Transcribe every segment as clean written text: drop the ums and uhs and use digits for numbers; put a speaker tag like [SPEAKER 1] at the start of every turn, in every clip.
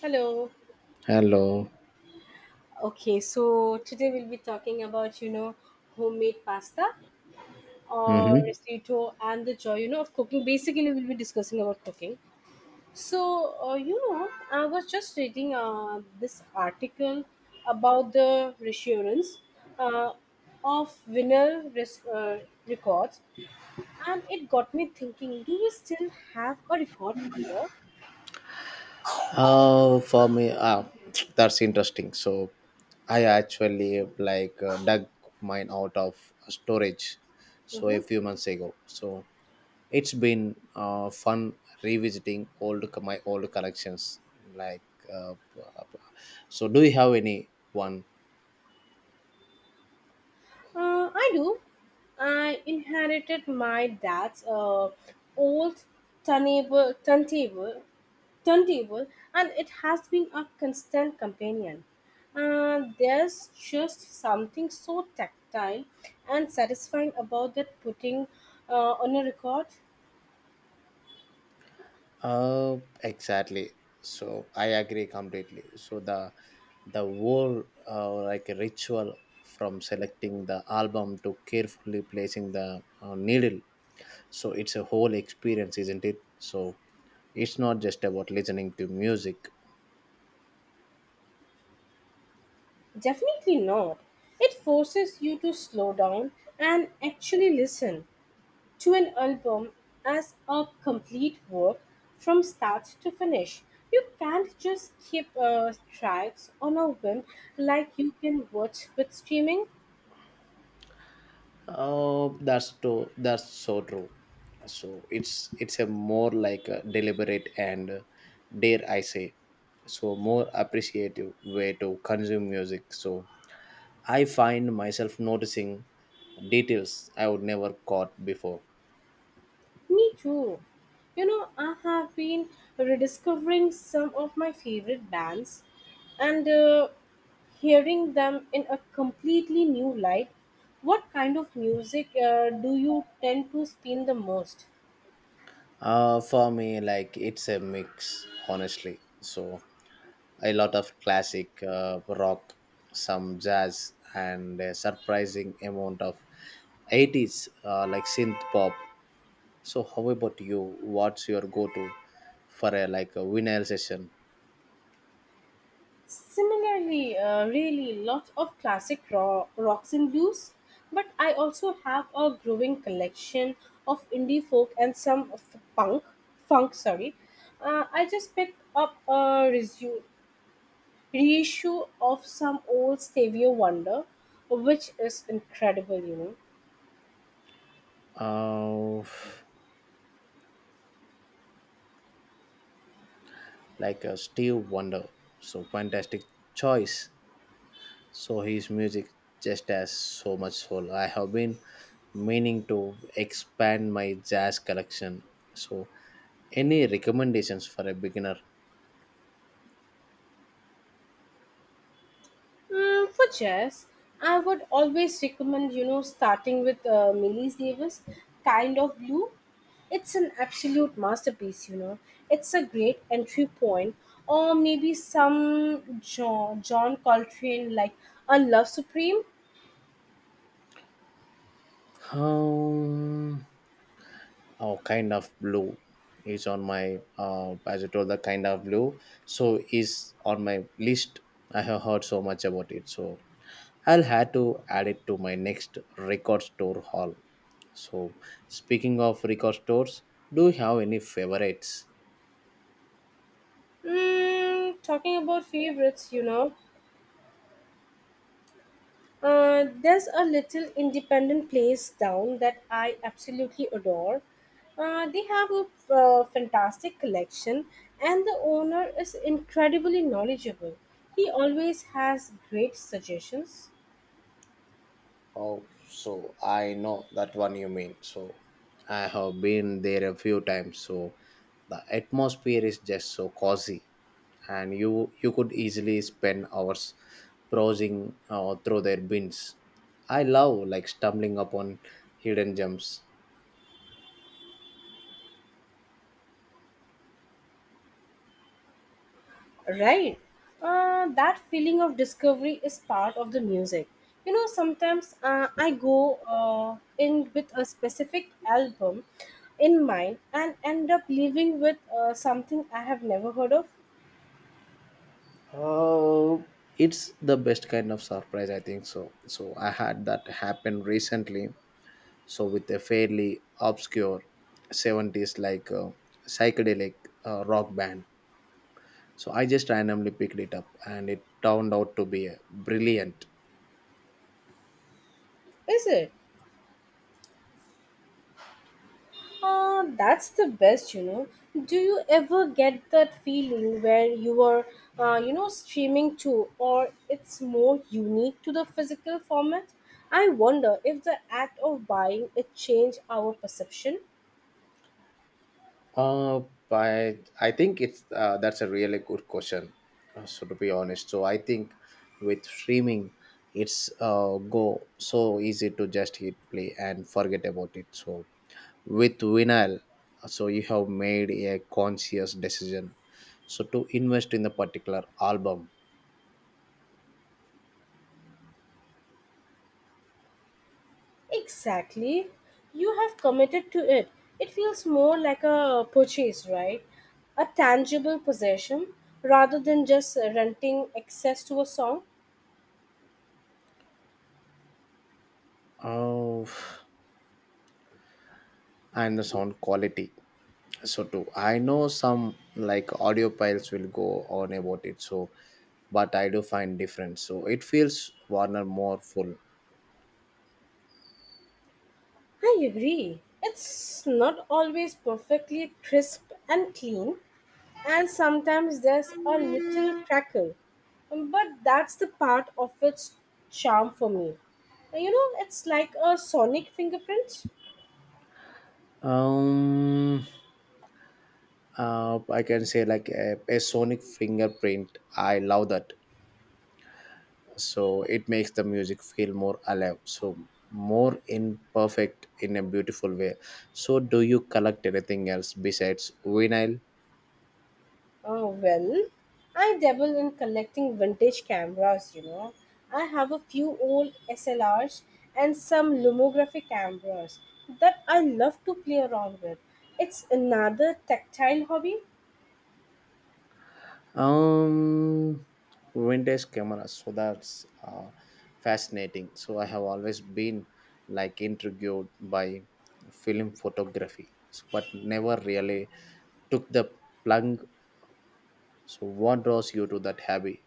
[SPEAKER 1] Hello.
[SPEAKER 2] Hello.
[SPEAKER 1] Okay, so today we'll be talking about, homemade pasta or
[SPEAKER 2] Mm-hmm.
[SPEAKER 1] risotto and the joy, of cooking. Basically, we'll be discussing about cooking. So I was just reading this article about the reassurance uh, of records, and it got me thinking, do we still have a record player?
[SPEAKER 2] For me, that's interesting. I actually dug mine out of storage, so
[SPEAKER 1] Mhm.
[SPEAKER 2] a few months ago. So it's been fun revisiting old my old collections. Like, uh, so do you have any one?
[SPEAKER 1] I do. I inherited my dad's old turntable, turntable, turntable, and it has been a constant companion. There's just something so tactile and satisfying about that putting uh, on a record.
[SPEAKER 2] Uh, exactly. So I agree completely. So the whole ritual from selecting the album to carefully placing the needle. So it's a whole experience, isn't it? So it's not just about listening to music.
[SPEAKER 1] Definitely not. It forces you to slow down and actually listen to an album as a complete work from start to finish. You can't just keep tracks on a whim like you can watch with streaming.
[SPEAKER 2] Oh, that's so true. So it's a more like a deliberate and dare I say, so more appreciative way to consume music. So I find myself noticing details I would never caught before.
[SPEAKER 1] Me too. I have been rediscovering some of my favorite bands and hearing them in a completely new light. What kind of music do you tend to spin the most?
[SPEAKER 2] Like it's a mix, honestly. So a lot of classic rock, some jazz, and a surprising amount of 80s synth pop. So how about you? What's your go-to for a vinyl session?
[SPEAKER 1] Similarly, really lots of classic rocks and blues, but I also have a growing collection of indie folk and some funk. Sorry, I just picked up a reissue of some old Stevie Wonder, which is incredible,
[SPEAKER 2] Uh, like a Steve Wonder. So fantastic choice. So his music just has so much soul. I have been meaning to expand my jazz collection. So any recommendations for a beginner?
[SPEAKER 1] Mm, for chess, I would always recommend, starting with Millie Davis, Kind of Blue. It's an absolute masterpiece, It's a great entry point. Or maybe some John Coltrane, like A Love Supreme.
[SPEAKER 2] Um, oh, kind of blue is on my as I told the kind of blue. So is on my list. I have heard so much about it. So I'll have to add it to my next record store haul. So speaking of record stores, do you have any favorites?
[SPEAKER 1] Mm, talking about favorites, There's a little independent place down that I absolutely adore. They have a fantastic collection, and the owner is incredibly knowledgeable. He always has great suggestions.
[SPEAKER 2] Oh, so I know that one you mean. So I have been there a few times. So the atmosphere is just so cozy, and you could easily spend hours browsing through their bins. I love like stumbling upon hidden gems.
[SPEAKER 1] Right. That feeling of discovery is part of the music. Sometimes I go in with a specific album in mind and end up leaving with something I have never heard of.
[SPEAKER 2] Oh, it's the best kind of surprise, I think so. So I had that happen recently so with a fairly obscure 70s psychedelic rock band. So I just randomly picked it up and it turned out to be brilliant.
[SPEAKER 1] Is it? Ah, that's the best, Do you ever get that feeling where you are, streaming too, or it's more unique to the physical format? I wonder if the act of buying it changed our perception.
[SPEAKER 2] Uh, I, I think it's that's a really good question. So to be honest, so I think with streaming, it's go so easy to just hit play and forget about it. So with vinyl, so you have made a conscious decision so to invest in the particular album.
[SPEAKER 1] Exactly. You have committed to it. It feels more like a purchase, right? A tangible possession rather than just renting access to a song.
[SPEAKER 2] Oh, and the sound quality so too, I know some like audio piles will go on about it, so but I do find different. So it feels warner, more full.
[SPEAKER 1] I agree. It's not always perfectly crisp and clean, and sometimes there's a little crackle. But that's the part of its charm for me. It's like a sonic fingerprint.
[SPEAKER 2] um I can say like a sonic fingerprint. I love that. So it makes the music feel more alive, so more imperfect in a beautiful way. So do you collect anything else besides vinyl?
[SPEAKER 1] Oh, well, I dabble in collecting vintage cameras, I have a few old SLRs and some Lumography cameras that I love to play around with. It's another tactile hobby.
[SPEAKER 2] um Vintage cameras, so that's fascinating. So I have always been like intrigued by film photography, so, but never really took the plunge. So what draws you to that hobby?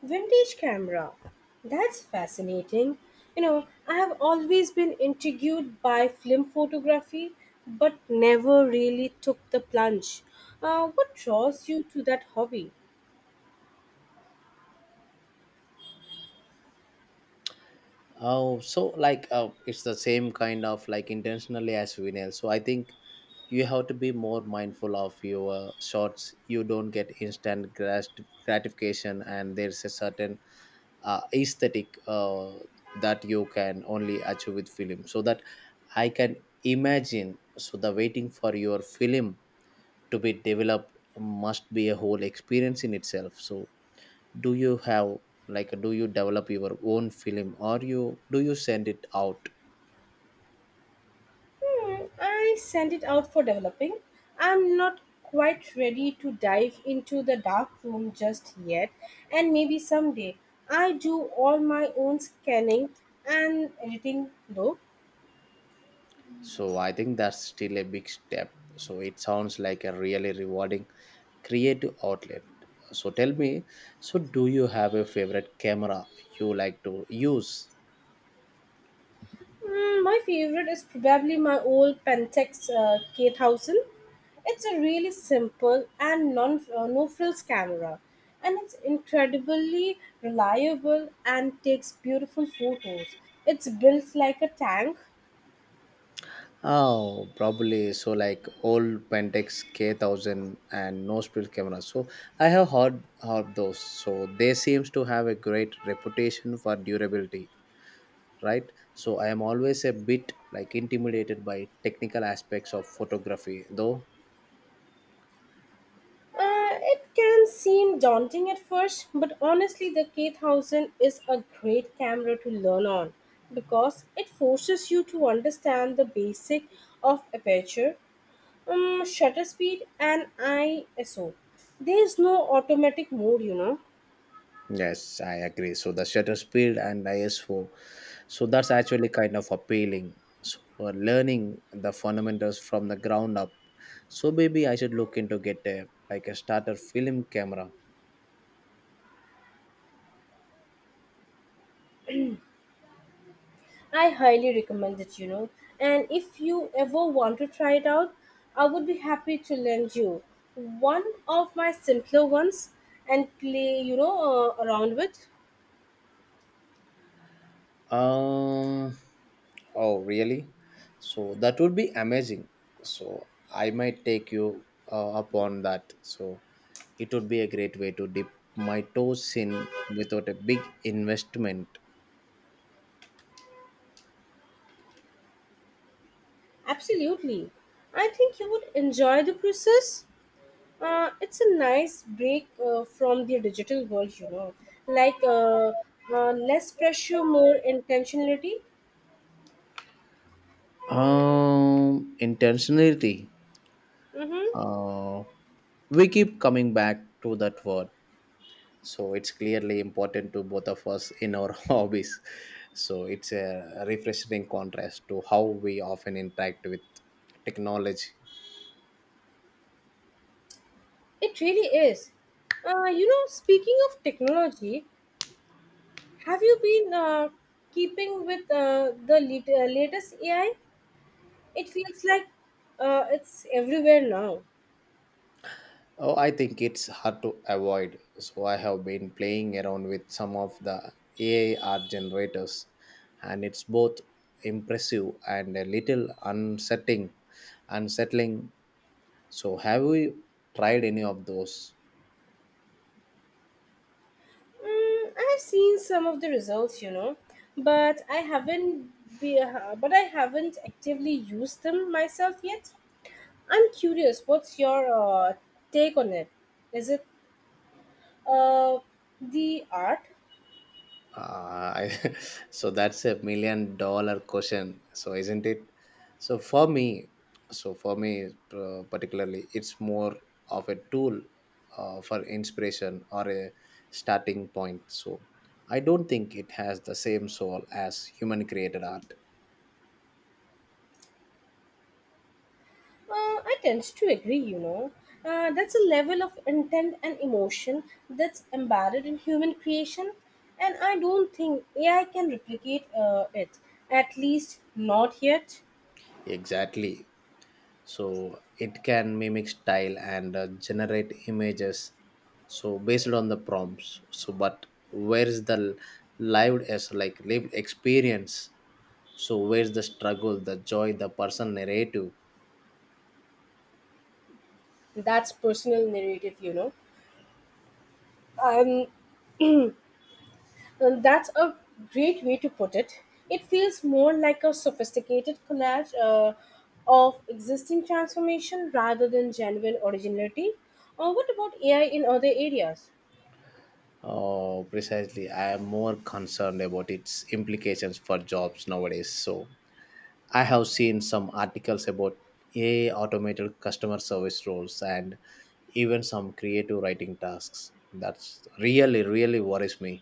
[SPEAKER 1] Vintage camera. That's fascinating. I have always been intrigued by film photography, but never really took the plunge. What draws you to that hobby?
[SPEAKER 2] Oh, so it's the same kind of like intentionally as vinyl. So I think you have to be more mindful of your shots. You don't get gratification, and there's a certain aesthetic that you can only achieve with film. So that I can imagine. So the waiting for your film to be developed must be a whole experience in itself. So do you have, like, do you develop your own film or you send it out?
[SPEAKER 1] Hmm, I send it out for developing. I'm not quite ready to dive into the dark room just yet, and maybe someday. I do all my own scanning and editing though.
[SPEAKER 2] So I think that's still a big step. So it sounds like a really rewarding creative outlet. So tell me, so do you have a favorite camera you like to use?
[SPEAKER 1] Mm, my favorite is probably my old Pentex K1000. It's a really simple and non no frills camera, and it's incredibly reliable and takes beautiful photos. It's built like a tank.
[SPEAKER 2] Oh, probably, so like old pentax k1000 and no spill cameras. So I have heard those. So they seems to have a great reputation for durability, right? So I am always a bit like intimidated by technical aspects of photography though.
[SPEAKER 1] It can seem daunting at first, but honestly, the K1000 is a great camera to learn on because it forces you to understand the basic of aperture, shutter speed and ISO. There's no automatic mode,
[SPEAKER 2] Yes, I agree. So the shutter speed and ISO, so that's actually kind of appealing. So learning the fundamentals from the ground up, so maybe I should look into get a like a starter film camera.
[SPEAKER 1] I highly recommend it, And if you ever want to try it out, I would be happy to lend you one of my simpler ones and play, around with.
[SPEAKER 2] Um, oh, really? So that would be amazing. So I might take you up that. So it would be a great way to dip my toes in without a big investment.
[SPEAKER 1] Absolutely. I think you would enjoy the process. It's a nice break from the digital world, Like uh, Less pressure, more intentionality.
[SPEAKER 2] Intentionality.
[SPEAKER 1] Mm-hmm.
[SPEAKER 2] Uh, we keep coming back to that word. So it's clearly important to both of us in our hobbies. So it's a refreshing contrast to how we often interact with technology.
[SPEAKER 1] It really is. Speaking of technology, have you been keeping with the latest AI? It feels like it's everywhere now.
[SPEAKER 2] Oh, I think it's hard to avoid. So I have been playing around with some of the AI art generators, and it's both impressive and a little unsettling. Unsettling. So have you tried any of those?
[SPEAKER 1] Mm, I have seen some of the results, but I haven't be, but I haven't actively used them myself yet. I'm curious, what's your take on it? Is it uh, the art?
[SPEAKER 2] Uh, I, so that's a $1 million question. So isn't it? So for me, so for me particularly, it's more of a tool for inspiration or a starting point. So I don't think it has the same soul as human created art.
[SPEAKER 1] I tend to agree, That's a level of intent and emotion that's embedded in human creation, and I don't think AI can replicate it, at least not yet.
[SPEAKER 2] Exactly. So it can mimic style and generate images so based on the prompts, so but where is the lived as like lived experience? So where's the struggle, the joy, the personal narrative?
[SPEAKER 1] That's personal narrative, Um, and that's a great way to put it. It feels more like a sophisticated collage of existing transformation rather than genuine originality. What about AI in other areas?
[SPEAKER 2] Oh, precisely. I am more concerned about its implications for jobs nowadays. So I have seen some articles about AI automated customer service roles and even some creative writing tasks. That's really worries me.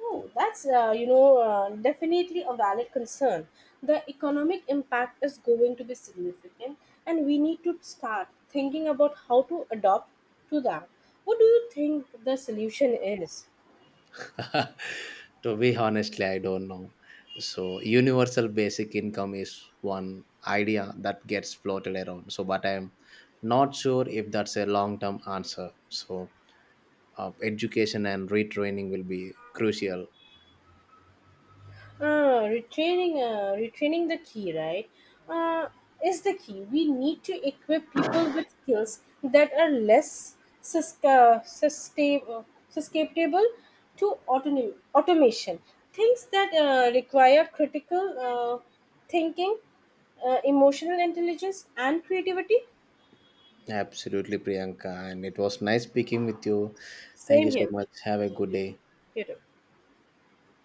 [SPEAKER 1] Oh, that's definitely a valid concern. The economic impact is going to be significant, and we need to start thinking about how to adopt to that. What do you think the solution is?
[SPEAKER 2] To be honestly, I don't know. So universal basic income is one idea that gets floated around, so but I'm not sure if that's a long term answer. So education and retraining will be crucial.
[SPEAKER 1] Retraining, retraining the key, right? Uh, is the key. We need to equip people with skills that are less sus- uh, sustain- uh, susceptible to automation. Things that require critical thinking, emotional intelligence, and creativity.
[SPEAKER 2] Absolutely, priyanka, and it was nice speaking with you. Thank you
[SPEAKER 1] Same
[SPEAKER 2] so
[SPEAKER 1] here.
[SPEAKER 2] much. Have a good
[SPEAKER 1] Thank
[SPEAKER 2] day.
[SPEAKER 1] you. You too.